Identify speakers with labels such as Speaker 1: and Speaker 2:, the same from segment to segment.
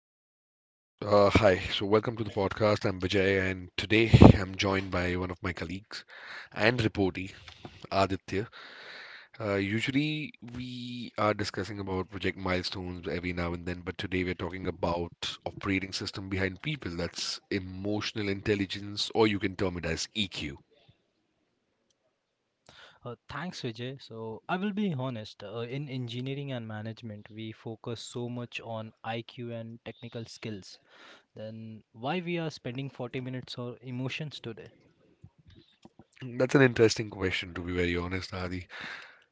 Speaker 1: Superb. Hi. So, welcome to the podcast. I'm Vijay, and today I'm joined by one of my colleagues and reportee, Aditya. Usually, we are discussing about project milestones every now and then, but today we're talking about operating system behind people. That's emotional intelligence, or you can term it as EQ.
Speaker 2: Thanks, Vijay. So, I will be honest. In engineering and management, we focus so much on IQ and technical skills. Then, why we are spending 40 minutes on emotions today?
Speaker 1: That's an interesting question, to be very honest, Adi.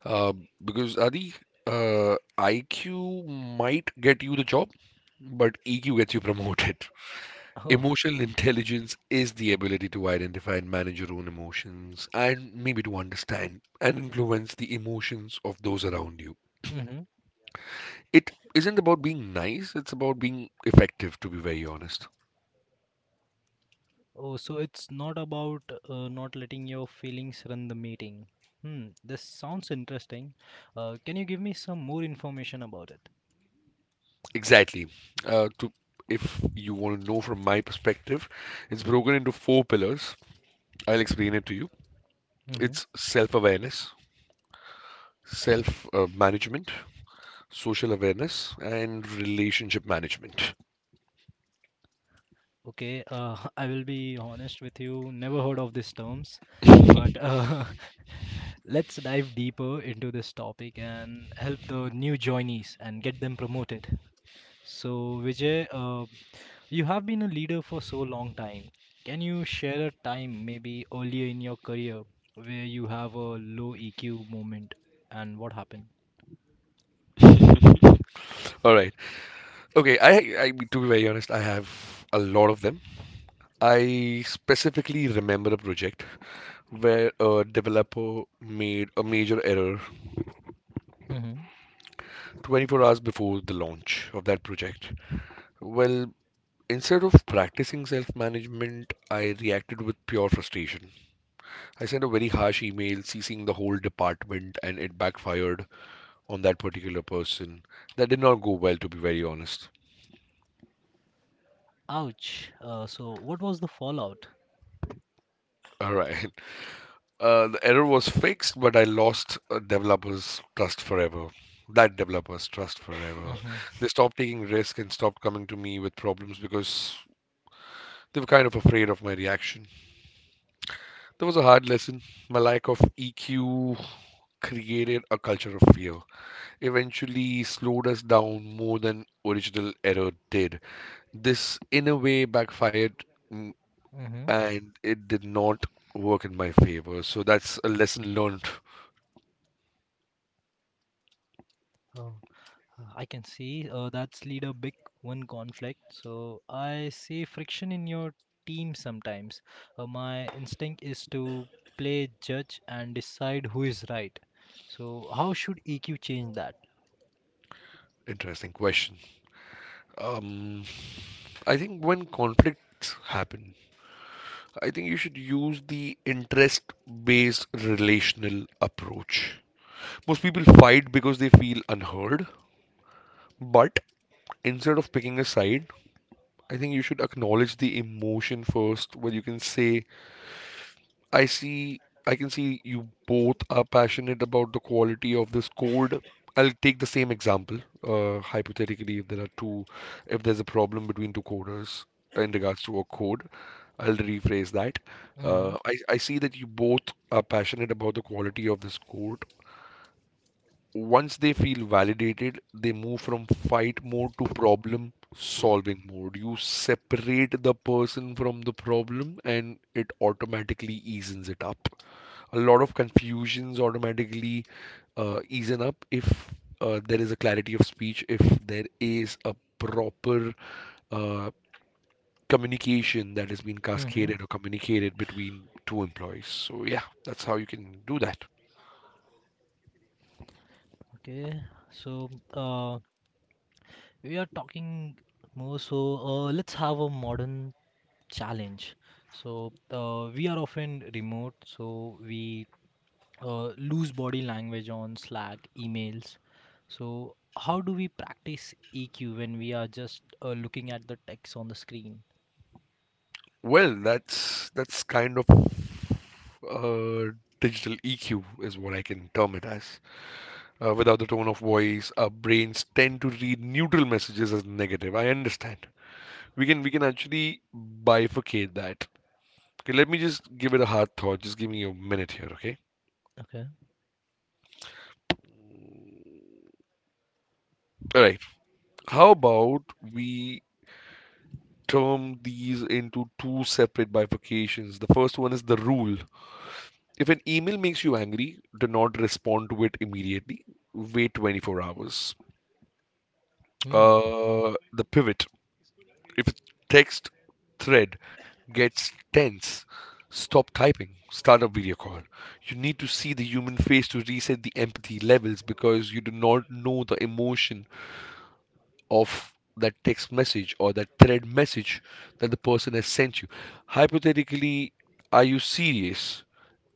Speaker 1: Uh, because Adi, IQ might get you the job, but EQ gets you promoted.
Speaker 2: Oh,
Speaker 1: Emotional intelligence is the ability to identify and manage your own emotions and maybe to understand and influence the emotions of those around you.
Speaker 2: mm-hmm.
Speaker 1: It isn't about being nice, it's about being effective, to be very honest.
Speaker 2: Oh, so it's not about not letting your feelings run the meeting. Hmm, this sounds interesting. Can you give me some more information about it?
Speaker 1: Exactly. To If you want to know from my perspective, it's broken into four pillars. I'll explain it to you. It's self-awareness, self management, social awareness, and relationship management.
Speaker 2: Okay, I will be honest with you, never heard of these terms, but let's dive deeper into this topic and help the new joinees and get them promoted. So, Vijay, you have been a leader for so long time. Can you share a time, maybe earlier in your career, where you have a low EQ moment and what happened?
Speaker 1: All right. Okay, I to be very honest, I have a lot of them. I specifically remember a project where a developer made a major error
Speaker 2: hmm.
Speaker 1: 24 hours before the launch of that project. Well, instead of practicing self-management, I reacted with pure frustration. I sent a very harsh email ceasing the whole department and it backfired on that particular person. That did not go well, to be very honest.
Speaker 2: Ouch. So, what was the fallout?
Speaker 1: All right. The error was fixed, but I lost a developer's trust forever. That developer's trust forever.
Speaker 2: hmm.
Speaker 1: They stopped taking risk and stopped coming to me with problems because they were kind of afraid of my reaction. That was a hard lesson. My lack of EQ created a culture of fear. Eventually, slowed us down more than original error did. This, in a way, backfired, mm,
Speaker 2: hmm.
Speaker 1: and it did not work in my favor. So that's a lesson learned.
Speaker 2: Oh. I can see that's lead a big one conflict. So I see friction in your team sometimes. My instinct is to play judge and decide who is right. So how should EQ change that?
Speaker 1: Interesting question. Um, I think when conflicts happen, I think you should use the interest-based relational approach. Most people fight because they feel unheard, but instead of picking a side, I think you should acknowledge the emotion first, where you can say, I see, I can see you both are passionate about the quality of this code. I'll take the same example, hypothetically, if there's a problem between two coders in regards to a code, I'll rephrase that.
Speaker 2: Mm-hmm.
Speaker 1: I see that you both are passionate about the quality of this code. Once they feel validated, they move from fight mode to problem solving mode. You separate the person from the problem and it automatically eases it up a lot of confusions automatically easen up if there is a clarity of speech, if there is a proper uh, communication that has been
Speaker 2: Mm-hmm.
Speaker 1: cascaded or communicated between two employees. So yeah, that's how you can do that.
Speaker 2: Okay. So we are talking more. So let's have a modern challenge. So we are often remote. So we loose body language on Slack, emails. So, how do we practice EQ when we are just looking at the text on the screen?
Speaker 1: Well, that's kind of uh, digital EQ is what I can term it as. Without the tone of voice, our brains tend to read neutral messages as negative. I understand. We can actually bifurcate that. Okay, let me just give it a hard thought. Just give me a minute here, okay?
Speaker 2: Okay.
Speaker 1: All right. How about we term these into two separate bifurcations? The first one is the rule. If an email makes you angry, do not respond to it immediately. Wait 24 hours.
Speaker 2: Hmm.
Speaker 1: The pivot. If a text thread gets tense, stop typing, start a video call. You need to see the human face to reset the empathy levels because you do not know the emotion of that text message or that thread message that the person has sent you. Hypothetically, are you serious?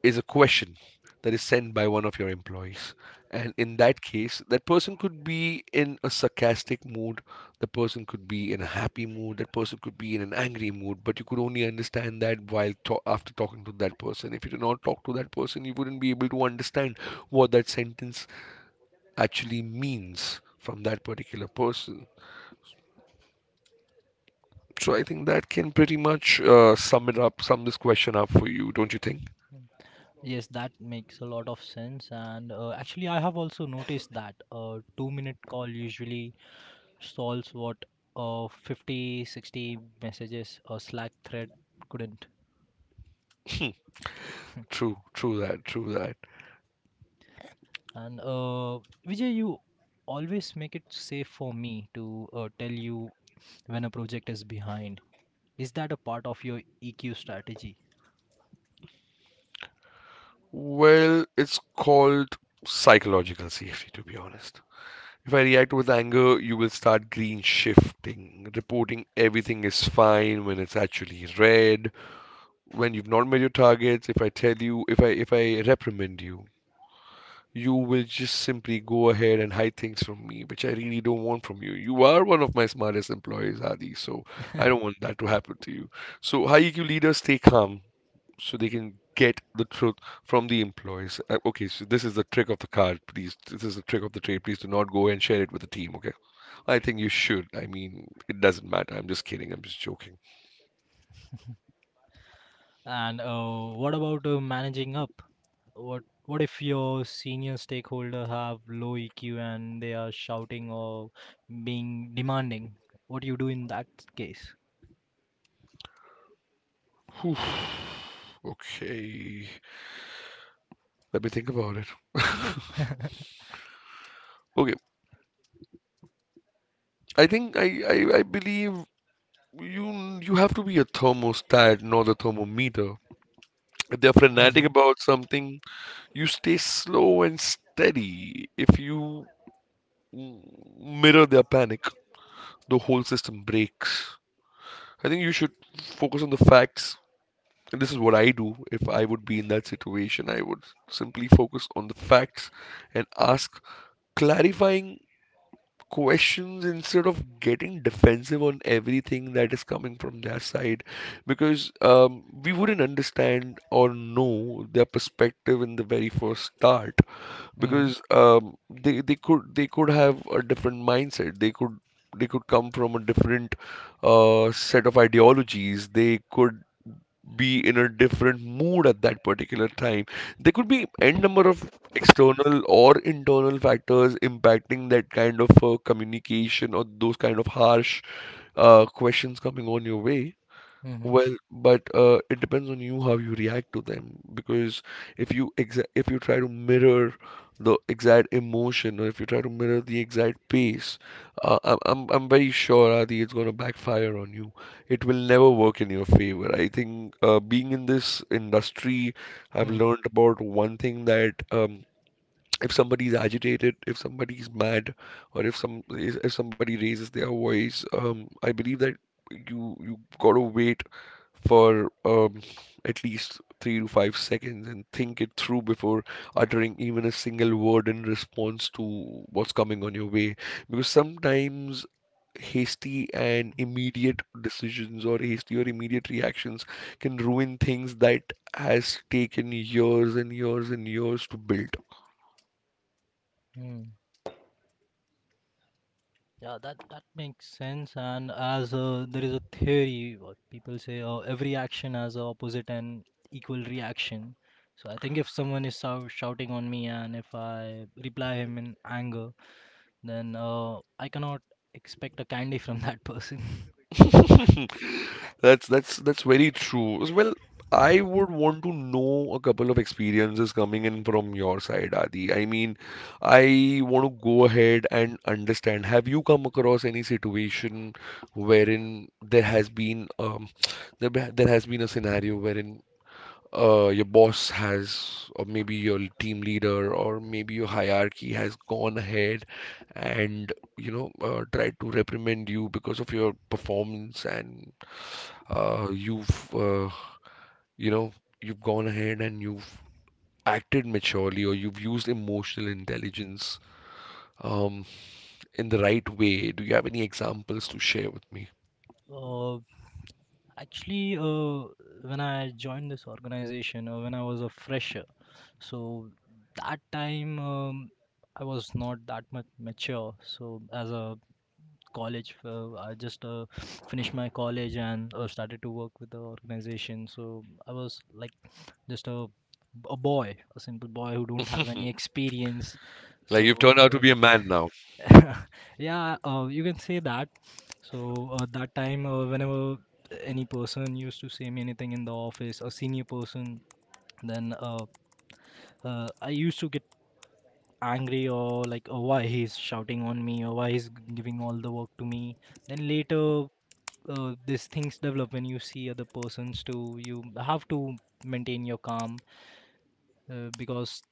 Speaker 1: Is a question that is sent by one of your employees. And in that case, that person could be in a sarcastic mood, the person could be in a happy mood, that person could be in an angry mood, but you could only understand that while after talking to that person. If you did not talk to that person, you wouldn't be able to understand what that sentence actually means from that particular person. So I think that can pretty much sum it up, sum this question up for you, don't you think?
Speaker 2: Yes, that makes a lot of sense. And actually, I have also noticed that a 2 minute call usually solves what 50-60 messages a Slack thread couldn't.
Speaker 1: Hmm, true, true that.
Speaker 2: And Vijay, you always make it safe for me to tell you when a project is behind. Is that a part of your EQ strategy?
Speaker 1: Well, it's called psychological safety, to be honest. If I react with anger, you will start green shifting, reporting everything is fine when it's actually red. When you've not met your targets, if I reprimand you, you will just simply go ahead and hide things from me, which I really don't want from you. You are one of my smartest employees, Adi, so I don't want that to happen to you. So high EQ leaders stay calm so they can get the truth from the employees. Okay, so this is the trick of the card. Please, this is the trick of the trade. Please do not go and share it with the team, okay? I think you should. I mean, it doesn't matter. I'm just kidding. I'm just joking.
Speaker 2: And what about managing up? What if your senior stakeholder have low EQ and they are shouting or being demanding? What do you do in that case?
Speaker 1: Whew. Okay, let me think about it. Okay, I think I believe you you have to be a thermostat, not a thermometer. If they're fanatic
Speaker 2: Mm-hmm.
Speaker 1: about something, you stay slow and steady. If you mm, mirror their panic, the whole system breaks. I think you should focus on the facts. And this is what I do. If I would be in that situation, I would simply focus on the facts and ask clarifying questions instead of getting defensive on everything that is coming from their side because we wouldn't understand or know their perspective in the very first start
Speaker 2: Mm-hmm.
Speaker 1: because they could have a different mindset they could come from a different set of ideologies they could be in a different mood at that particular time. There could be n number of external or internal factors impacting that kind of communication or those kind of harsh questions coming on your way.
Speaker 2: Mm-hmm.
Speaker 1: Well, but it depends on you how you react to them because if you try to mirror the exact emotion or if you try to mirror the exact pace, I'm very sure Adi, it's gonna backfire on you. It will never work in your favor. I think being in this industry, I've learned about one thing that if somebody is agitated, if somebody is mad, or if somebody raises their voice, I believe that you gotta wait for at least 3 to 5 seconds and think it through before uttering even a single word in response to what's coming on your way. Because sometimes hasty and immediate decisions or hasty or immediate reactions can ruin things that has taken years and years and years to build.
Speaker 2: Mm-hmm. Yeah, that makes sense. And as there is a theory, what people say, every action has a opposite and equal reaction. So I think if someone is shouting on me and if I reply him in anger, then I cannot expect a candy from that person.
Speaker 1: That's very true. As well, I would want to know a couple of experiences coming in from your side, Adi. I mean, I want to go ahead and understand. Have you come across any situation wherein there has been there has been a scenario wherein your boss has, or maybe your team leader, or maybe your hierarchy has gone ahead and you know tried to reprimand you because of your performance, and uh, you've uh, you know you've gone ahead and you've acted maturely, or you've used emotional intelligence um, in the right way. Do you have any examples to share with me?
Speaker 2: Uh, Actually, when I joined this organization, when I was a fresher. So that time I was not that much mature so as a college I just finished my college and started to work with the organization so I was like just a boy, a simple boy who don't have any experience.
Speaker 1: Like
Speaker 2: So
Speaker 1: you've turned out to be a man now.
Speaker 2: yeah, you can say that. So that time whenever any person used to say me anything in the office, a senior person, then I used to angry or like, oh, why he's shouting on me or why he's giving all the work to me. Then later these things develop. When you see other persons too, you have to maintain your calm, because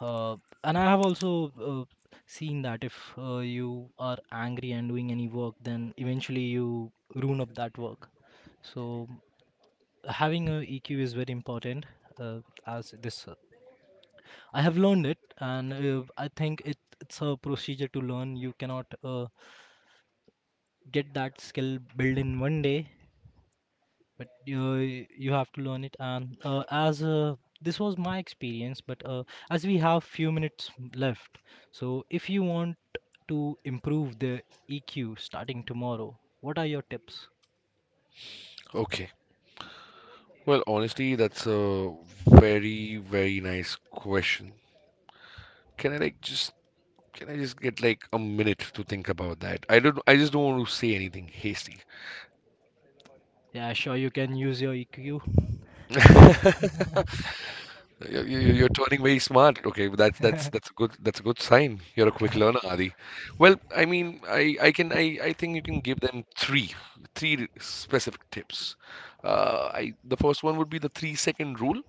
Speaker 2: uh, and I have also seen that if you are angry and doing any work then eventually you ruin up that work. So having a EQ is very important, uh, as this I have learned it, and I think it's a procedure to learn. You cannot get that skill built in one day, but you have to learn it. And as this was my experience, but as we have few minutes left, so if you want to improve the EQ starting tomorrow, what are your tips?
Speaker 1: Okay. Well, honestly, that's a very, very nice question. Can I like just can I just get like a minute to think about that? I just don't want to say anything hasty.
Speaker 2: Yeah, sure, you can use your EQ.
Speaker 1: You are turning very smart. Okay, well, that's that's a good sign. You're a quick learner, Adi. Well, I mean, I think you can give them three specific tips. I The first one would be the 3 second rule,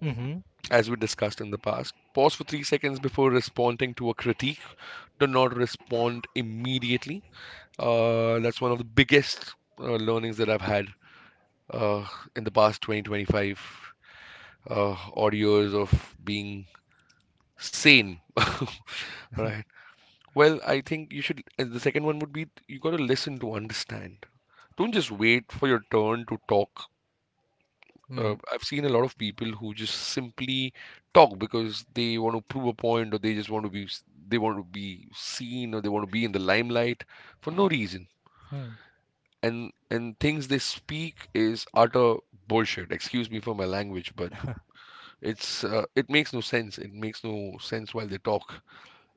Speaker 2: Mm-hmm.
Speaker 1: as we discussed in the past. Pause for 3 seconds before responding to a critique. Do not respond immediately. That's one of the biggest learnings that I've had uh, in the past 20, 25 odd years of being sane. Right. Well, I think you should. And the second one would be you got to listen to understand. Don't just wait for your turn to talk.
Speaker 2: Mm-hmm.
Speaker 1: I've seen a lot of people who just simply talk because they want to prove a point or they just want to be they want to be seen or they want to be in the limelight for no reason and things they speak is utter bullshit. Excuse me for my language, but it makes no sense. It makes no sense while they talk.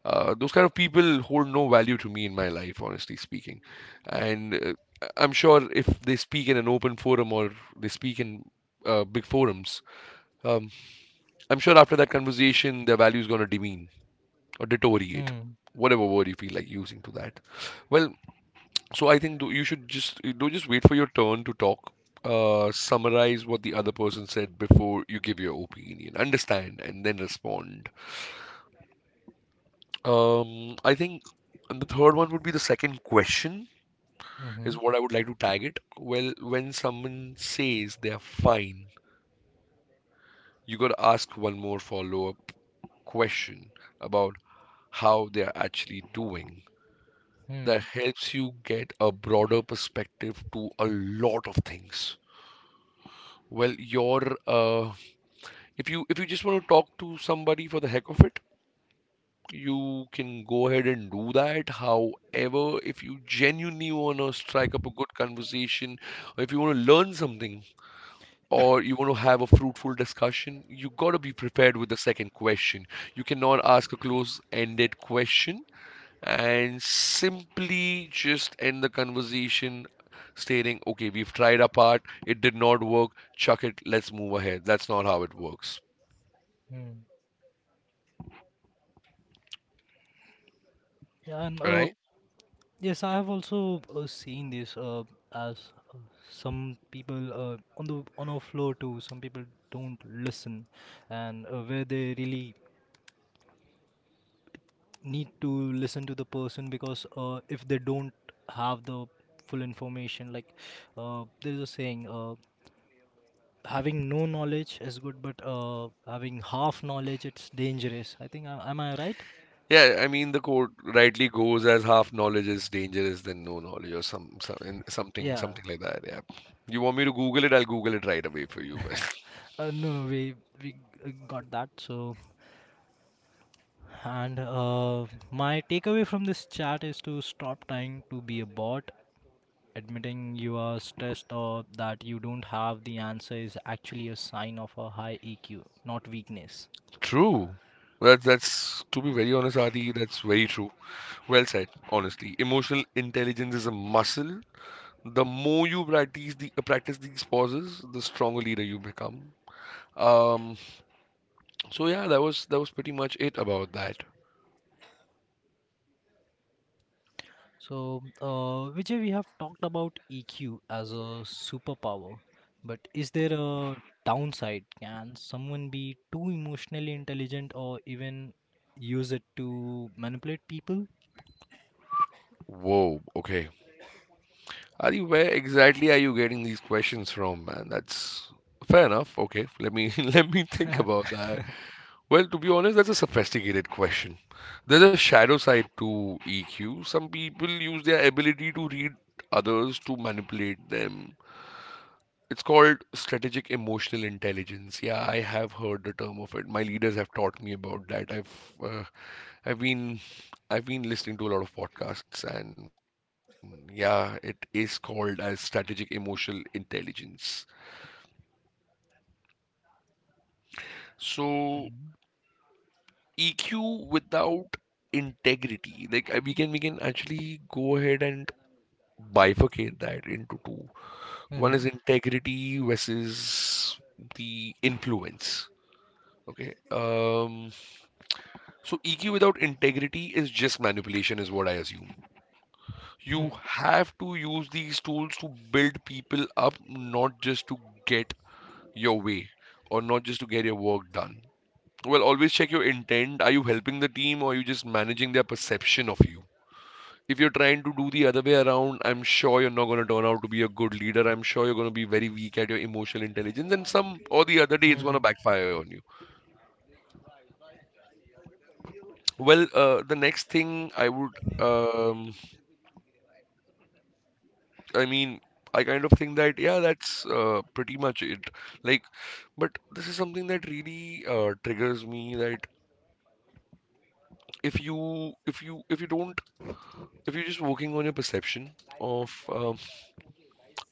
Speaker 1: Those kind of people hold no value to me in my life, honestly speaking. And I'm sure if they speak in an open forum or they speak in big forums, um, I'm sure after that conversation, their value is going to demean or deteriorate,
Speaker 2: Mm-hmm.
Speaker 1: whatever word you feel like using to that. Well, So I think you should just wait for your turn to talk. Summarize what the other person said before you give your opinion. Understand and then respond. I think and the third one would be the second question
Speaker 2: Mm-hmm.
Speaker 1: is what I would like to tag it. Well, when someone says they are fine, you got to ask one more follow-up question about how they are actually doing.
Speaker 2: Mm-hmm.
Speaker 1: That helps you get a broader perspective to a lot of things. Well, your if you just want to talk to somebody for the heck of it, you can go ahead and do that. However, if you genuinely want to strike up a good conversation, or if you want to learn something, or you want to have a fruitful discussion, you got to be prepared with the second question. You cannot ask a close-ended question and simply just end the conversation stating, okay, we've tried our part, it did not work, chuck it, let's move ahead. That's not how it works,
Speaker 2: Yeah, and
Speaker 1: right?
Speaker 2: yes, I have also seen this as uh, some people on the on our floor too. Some people don't listen, and where they really need to listen to the person because if they don't have the full information, like there's a saying, having no knowledge is good, but having half knowledge it's dangerous. I think am I right?
Speaker 1: Yeah, I mean the quote rightly goes as half knowledge is dangerous than no knowledge or something
Speaker 2: Yeah.
Speaker 1: like that. Yeah. You want me to Google it? I'll Google it right away for you. But
Speaker 2: No, no, we got that. So and my takeaway from this chat is to stop trying to be a bot. Admitting you are stressed or that you don't have the answer is actually a sign of a high EQ, not weakness.
Speaker 1: true. That's to be very honest, Adi. That's very true. Well said. Honestly, emotional intelligence is a muscle. The more you practice these pauses, the stronger leader you become. Um. So yeah, that was pretty much it about that.
Speaker 2: So, Vijay, we have talked about EQ as a superpower, but is there a downside? Can someone be too emotionally intelligent or even use it to manipulate people?
Speaker 1: Whoa. Okay. Ari, where exactly are you getting these questions from, man? That's fair enough. Okay, let me let me think about that. Well, to be honest, that's a sophisticated question. There's a shadow side to EQ. Some people use their ability to read others to manipulate them. It's called strategic emotional intelligence. Yeah, I have heard the term of it. My leaders have taught me about that. I've been I've been listening to a lot of podcasts, and yeah, it is called as strategic emotional intelligence. So
Speaker 2: Mhm.
Speaker 1: EQ without integrity, we can actually go ahead and bifurcate that into two. One is
Speaker 2: Mhm.
Speaker 1: integrity versus the influence. Okay. So EQ without integrity is just manipulation, is what I assume. You
Speaker 2: Hmm.
Speaker 1: have to use these tools to build people up, not just to get your way or not just to get your work done. Well, always check your intent. Are you helping the team or are you just managing their perception of you? If you're trying to do the other way around, I'm sure you're not going to turn out to be a good leader. I'm sure you're going to be very weak at your emotional intelligence, and some or the other day
Speaker 2: Hmm.
Speaker 1: it's going to
Speaker 2: Mhm.
Speaker 1: backfire on you. Well, the next thing I would, um, I mean, I kind of think that, yeah, that's pretty much it. Like, but this is something that really triggers me that if you if you if you don't if you're just working on your perception of um,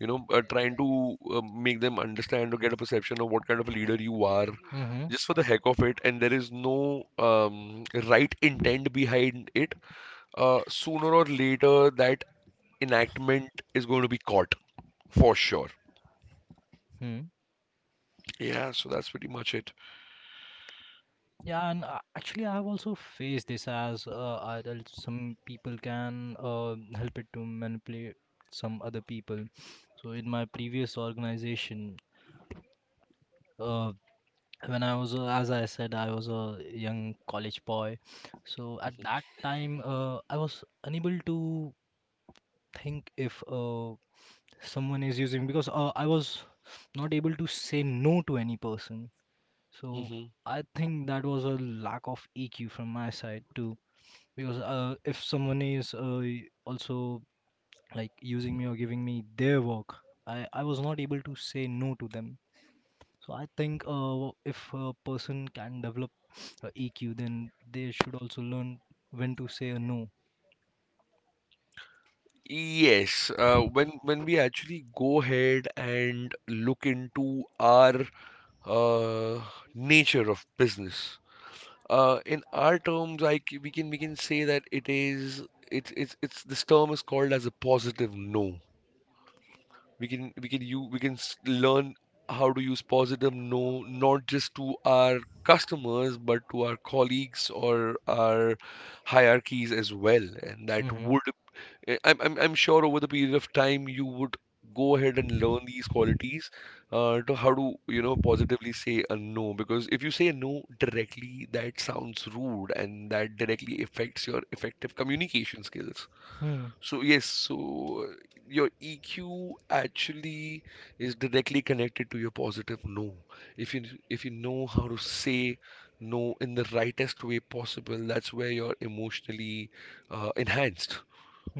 Speaker 1: you know uh, trying to make them understand or get a perception of what kind of a leader you are
Speaker 2: Hmm. Hmm.
Speaker 1: just for the heck of it, and there is no right intent behind it. Sooner or later that enactment is going to be caught for sure.
Speaker 2: Hmm.
Speaker 1: Yeah, so that's pretty much it.
Speaker 2: Yeah, and actually, I've also faced this as idol. Some people can help it to manipulate some other people. So, in my previous organization, uh, when I was, as I said, I was a young college boy. So, at that time, I was unable to think if someone is using because I was not able to say no to any person. So,
Speaker 1: Hmm.
Speaker 2: I think that was a lack of EQ from my side too because if someone is also like using me or giving me their work, I was not able to say no to them. So I think if a person can develop EQ, then they should also learn when to say a no.
Speaker 1: Yes, when we actually go ahead and look into our uh, nature of business, in our terms, I c- we can say that it is it's this term is called as a positive no. We can learn how to use positive no not just to our customers but to our colleagues or our hierarchies as well, and that
Speaker 2: Mm-hmm.
Speaker 1: would I'm sure over the period of time you would go ahead and learn these qualities to how to you know positively say a no because if you say a no directly that sounds rude and that directly affects your effective communication skills.
Speaker 2: Hmm.
Speaker 1: So yes, so your EQ actually is directly connected to your positive no. If you know how to say no in the rightest way possible, that's where you're emotionally enhanced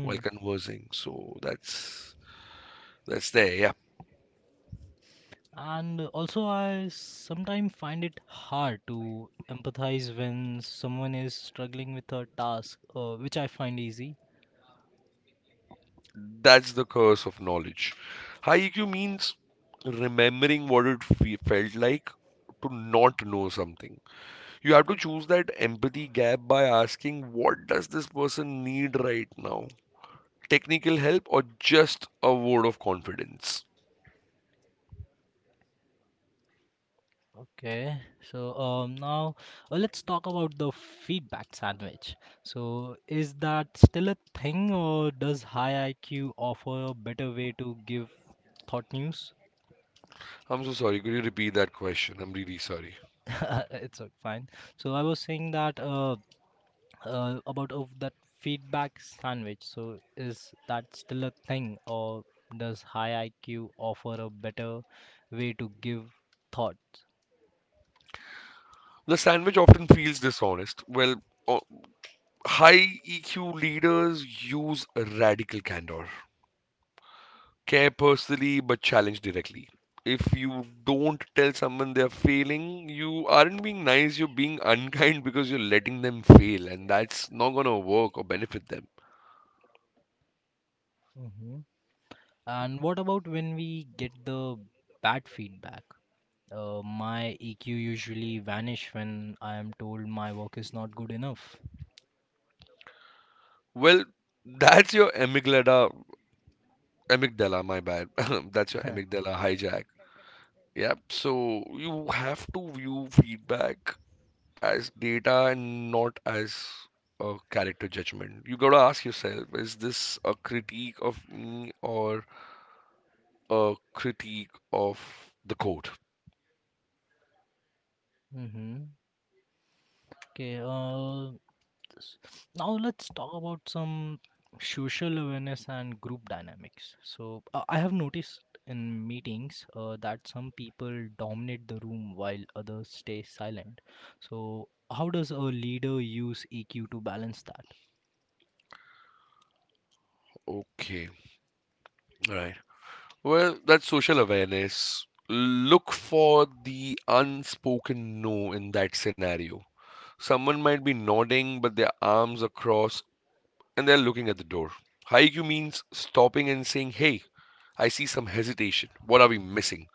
Speaker 1: while conversing. So that's there. Yeah,
Speaker 2: And also I sometimes find it hard to empathize when someone is struggling with a task which I find easy.
Speaker 1: that's the curse of knowledge. High EQ means remembering what it felt like to not know something. You have to choose that empathy gap by asking, what does this person need right now? Technical help or just a word of confidence?
Speaker 2: Okay, so now let's talk about the feedback sandwich. So, is that still a thing, or does high IQ offer a better way to give thought news?
Speaker 1: I'm so sorry. Could you repeat that question? I'm really sorry.
Speaker 2: It's fine. So, I was saying that about of that feedback sandwich. So, is that still a thing, or does high IQ offer a better way to give thoughts?
Speaker 1: The sandwich often feels dishonest. O- High EQ leaders use radical candor. Care personally but challenge directly. If you don't tell someone they're failing, you aren't being nice, you're being unkind because you're letting them fail, and that's not gonna work or benefit them.
Speaker 2: Hmm. And what about when we get the bad feedback? My EQ usually vanish when I am told my work is not good enough.
Speaker 1: Well, that's your amygdala, Amygdala, my bad. That's your amygdala hijack. Yeah, so you have to view feedback as data and not as a character judgment. You gotta ask yourself, is this a critique of me or a critique of the code.
Speaker 2: Mm-hmm. Okay, s- now let's talk about some social awareness and group dynamics. So, I have noticed in meetings that some people dominate the room while others stay silent. So, how does a leader use EQ to balance that?
Speaker 1: Okay, right. Well, that's social awareness. Look for the unspoken no in that scenario. Someone might be nodding, but their arms are crossed and they're looking at the door. Haiku means stopping and saying, hey, I see some hesitation. What are we missing?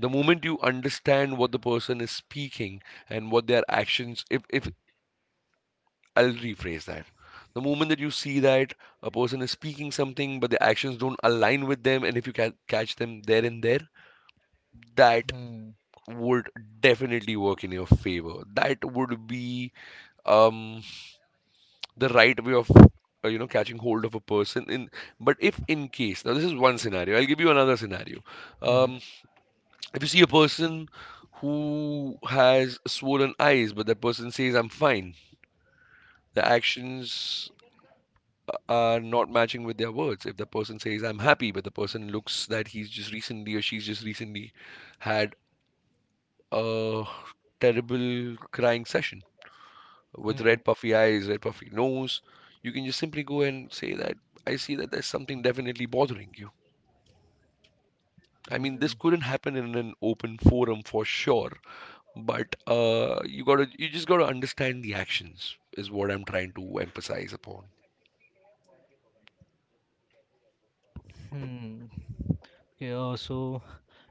Speaker 1: The moment you understand what the person is speaking and what their actions, if I'll rephrase that. The moment that you see that a person is speaking something, but the actions don't align with them, and if you can catch them there and there, that
Speaker 2: Hmm.
Speaker 1: would definitely work in your favor. That would be um, the right way of catching hold of a person. In but if in case, now this is one scenario, I'll give you another scenario.
Speaker 2: Mm-hmm.
Speaker 1: Um, if you see a person who has swollen eyes, but that person says I'm fine, the actions are not matching with their words. If the person says, I'm happy, but the person looks that he's just recently or she's just recently had a terrible crying session with
Speaker 2: Hmm.
Speaker 1: red puffy eyes, red puffy nose, you can just simply go and say that I see that there's something definitely bothering you. I mean, this
Speaker 2: Hmm.
Speaker 1: couldn't happen in an open forum for sure, but you just gotta understand the actions is what I'm trying to emphasize upon.
Speaker 2: Hmm. Okay, so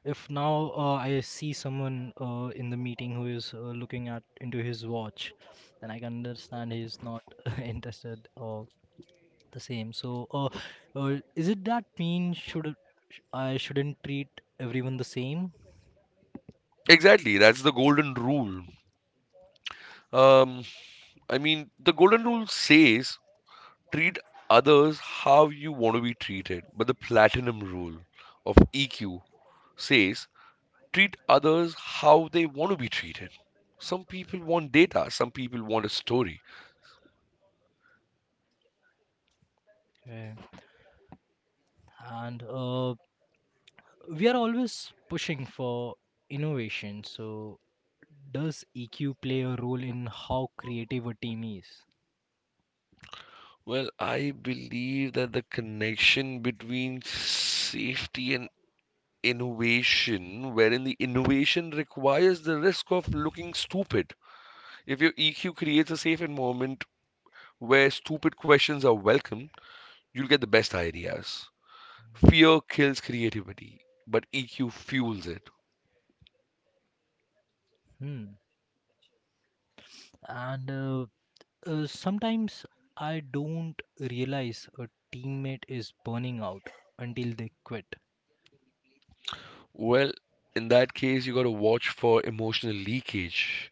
Speaker 2: if now I see someone in the meeting who is looking at into his watch, then I can understand he is not interested or the same. So, is it that mean should I shouldn't treat everyone the same?
Speaker 1: Exactly, that's the golden rule. Um, the golden rule says treat others how you want to be treated, but the platinum rule of EQ says treat others how they want to be treated. Some people want data, some people want a story.
Speaker 2: Okay. And we are always pushing for innovation. So, does EQ play a role in how creative a team is?
Speaker 1: Well, I believe that the connection between safety and innovation, wherein the innovation requires the risk of looking stupid. If your EQ creates a safe environment where stupid questions are welcome, you'll get the best ideas. Fear kills creativity, but EQ fuels it.
Speaker 2: Hmm. And sometimes I don't realize a teammate is burning out until they quit.
Speaker 1: Well, in that case, you gotta watch for emotional leakage.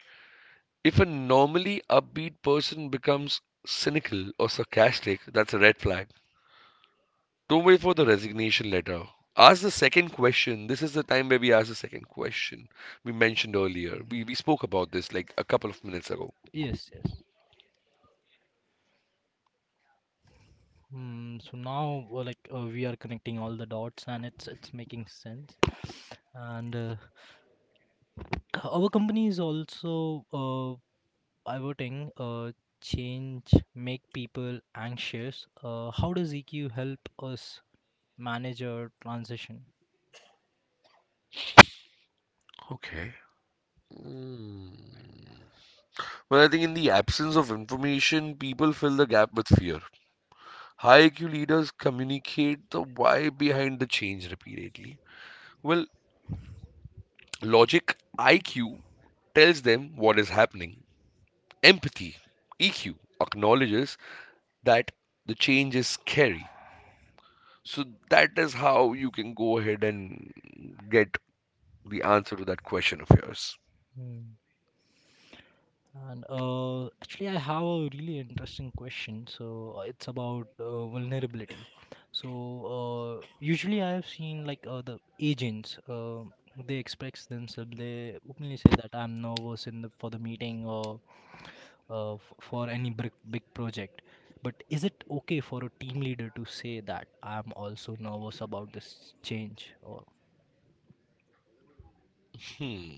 Speaker 1: If a normally upbeat person becomes cynical or sarcastic, that's a red flag. Don't wait for the resignation letter. Ask the second question. This is the time where we ask the second question we mentioned earlier. We spoke about this like a couple of minutes ago.
Speaker 2: Yes, yes. Mm, so now, like, we are connecting all the dots, and it's making sense. And our company is also pivoting. Change make people anxious. How does EQ help us manage our transition?
Speaker 1: Okay. Mm. Well, I think in the absence of information, people fill the gap with fear. High IQ leaders communicate the why behind the change repeatedly. Well, logic IQ tells them what is happening. Empathy EQ acknowledges that the change is scary. So that is how you can go ahead and get the answer to that question of yours.
Speaker 2: Hmm. And actually, I have a really interesting question. So it's about vulnerability. So usually, I have seen like the agents. They express themselves. They openly say that I'm nervous in the, for the meeting or for any big big project. But is it okay for a team leader to say that I'm also nervous about this change? Or
Speaker 1: Hmm.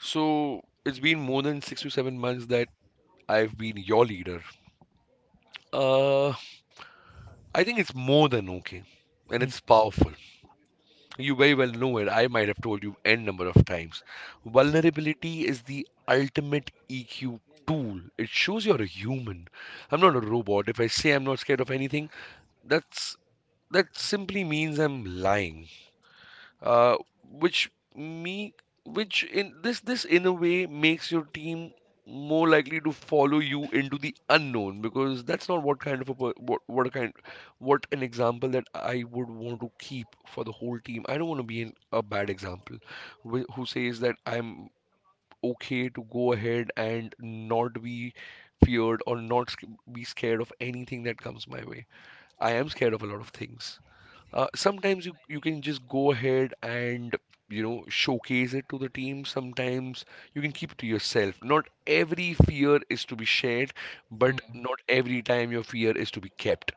Speaker 1: So it's been more than 6 to 7 months that I've been your leader. Uh, I think it's more than okay. And
Speaker 2: hmm,
Speaker 1: it's powerful. You very well know it. I might have told you n number of times. Vulnerability is the ultimate EQ tool. It shows you're a human. I'm not a robot. If I say I'm not scared of anything, that's that simply means I'm lying, uh, which me which in this this in a way makes your team more likely to follow you into the unknown, because that's not what kind what an example that I would want to keep for the whole team. I don't want to be a bad example who says that I'm okay to go ahead and not be feared or not sc- be scared of anything that comes my way. I am scared of a lot of things. You can just go ahead and you know showcase it to the team. Sometimes you can keep it to yourself. Not every fear is to be shared, but
Speaker 2: hmm,
Speaker 1: not every time your fear is to be kept.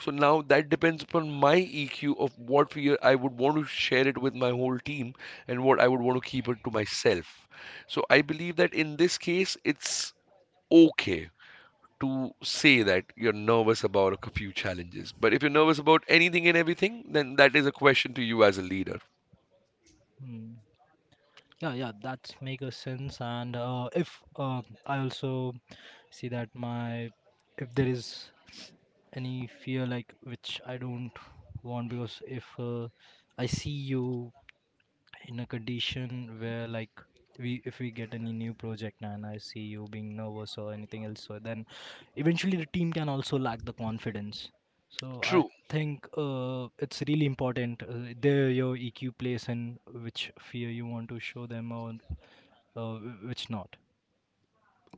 Speaker 1: So now that depends upon my EQ of what fear I would want to share it with my whole team and what I would want to keep it to myself. So I believe that in this case it's okay to say that you're nervous about a few challenges. But if you're nervous about anything and everything, then that is a question to you as a leader.
Speaker 2: hmm. Yeah, yeah, that's make a sense. And if I also see that my if there is any fear like which I don't want because if I see you in a condition where like we if we get any new project and I see you being nervous or anything else so then eventually the team can also lack the confidence. So I
Speaker 1: True.
Speaker 2: think it's really important, there your EQ plays in which fear you want to show them or uh, which not.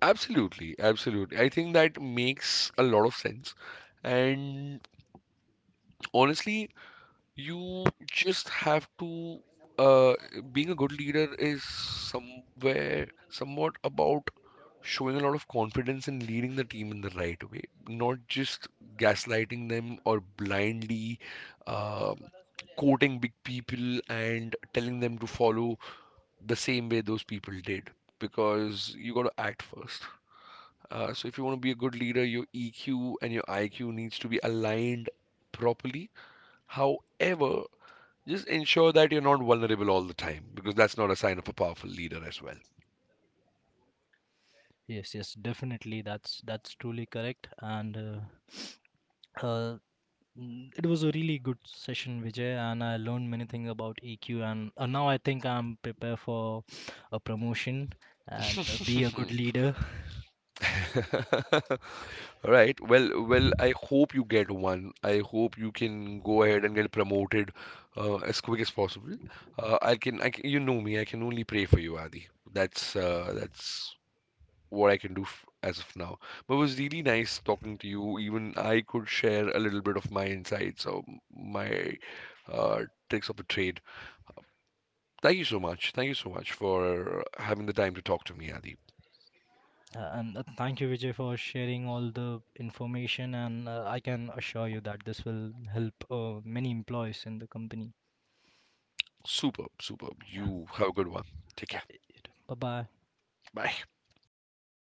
Speaker 1: Absolutely. Absolutely. I think that makes a lot of sense. And honestly, you just have to, uh, being a good leader is somewhat about showing a lot of confidence and leading the team in the right way, not just gaslighting them or blindly um quoting big people and telling them to follow the same way those people did. Because you got to act first. So if you want to be a good leader, your EQ and your IQ needs to be aligned properly. However, just ensure that you're not vulnerable all the time because that's not a sign of a powerful leader as well.
Speaker 2: Yes, yes, definitely, that's truly correct. And uh, mm, it was a really good session, Vijay, and I learned many things about EQ. And now I think I'm prepared for a promotion and be a good leader.
Speaker 1: All right. Well, I hope you get one. I hope you can go ahead and get promoted as quick as possible. I can, you know me. I can only pray for you, Adi. That's what I can do f as of now. But it was really nice talking to you. Even I could share a little bit of my insights or my uh, tricks of the trade. Thank you so much. Thank you so much for having the time to talk to me, Adi.
Speaker 2: And thank you, Vijay, for sharing all the information. And I can assure you that this will help many employees in the company.
Speaker 1: Superb, superb.
Speaker 2: Yeah,
Speaker 1: You have a good one. Take
Speaker 2: yeah.
Speaker 1: care.
Speaker 2: Bye bye.
Speaker 1: Bye.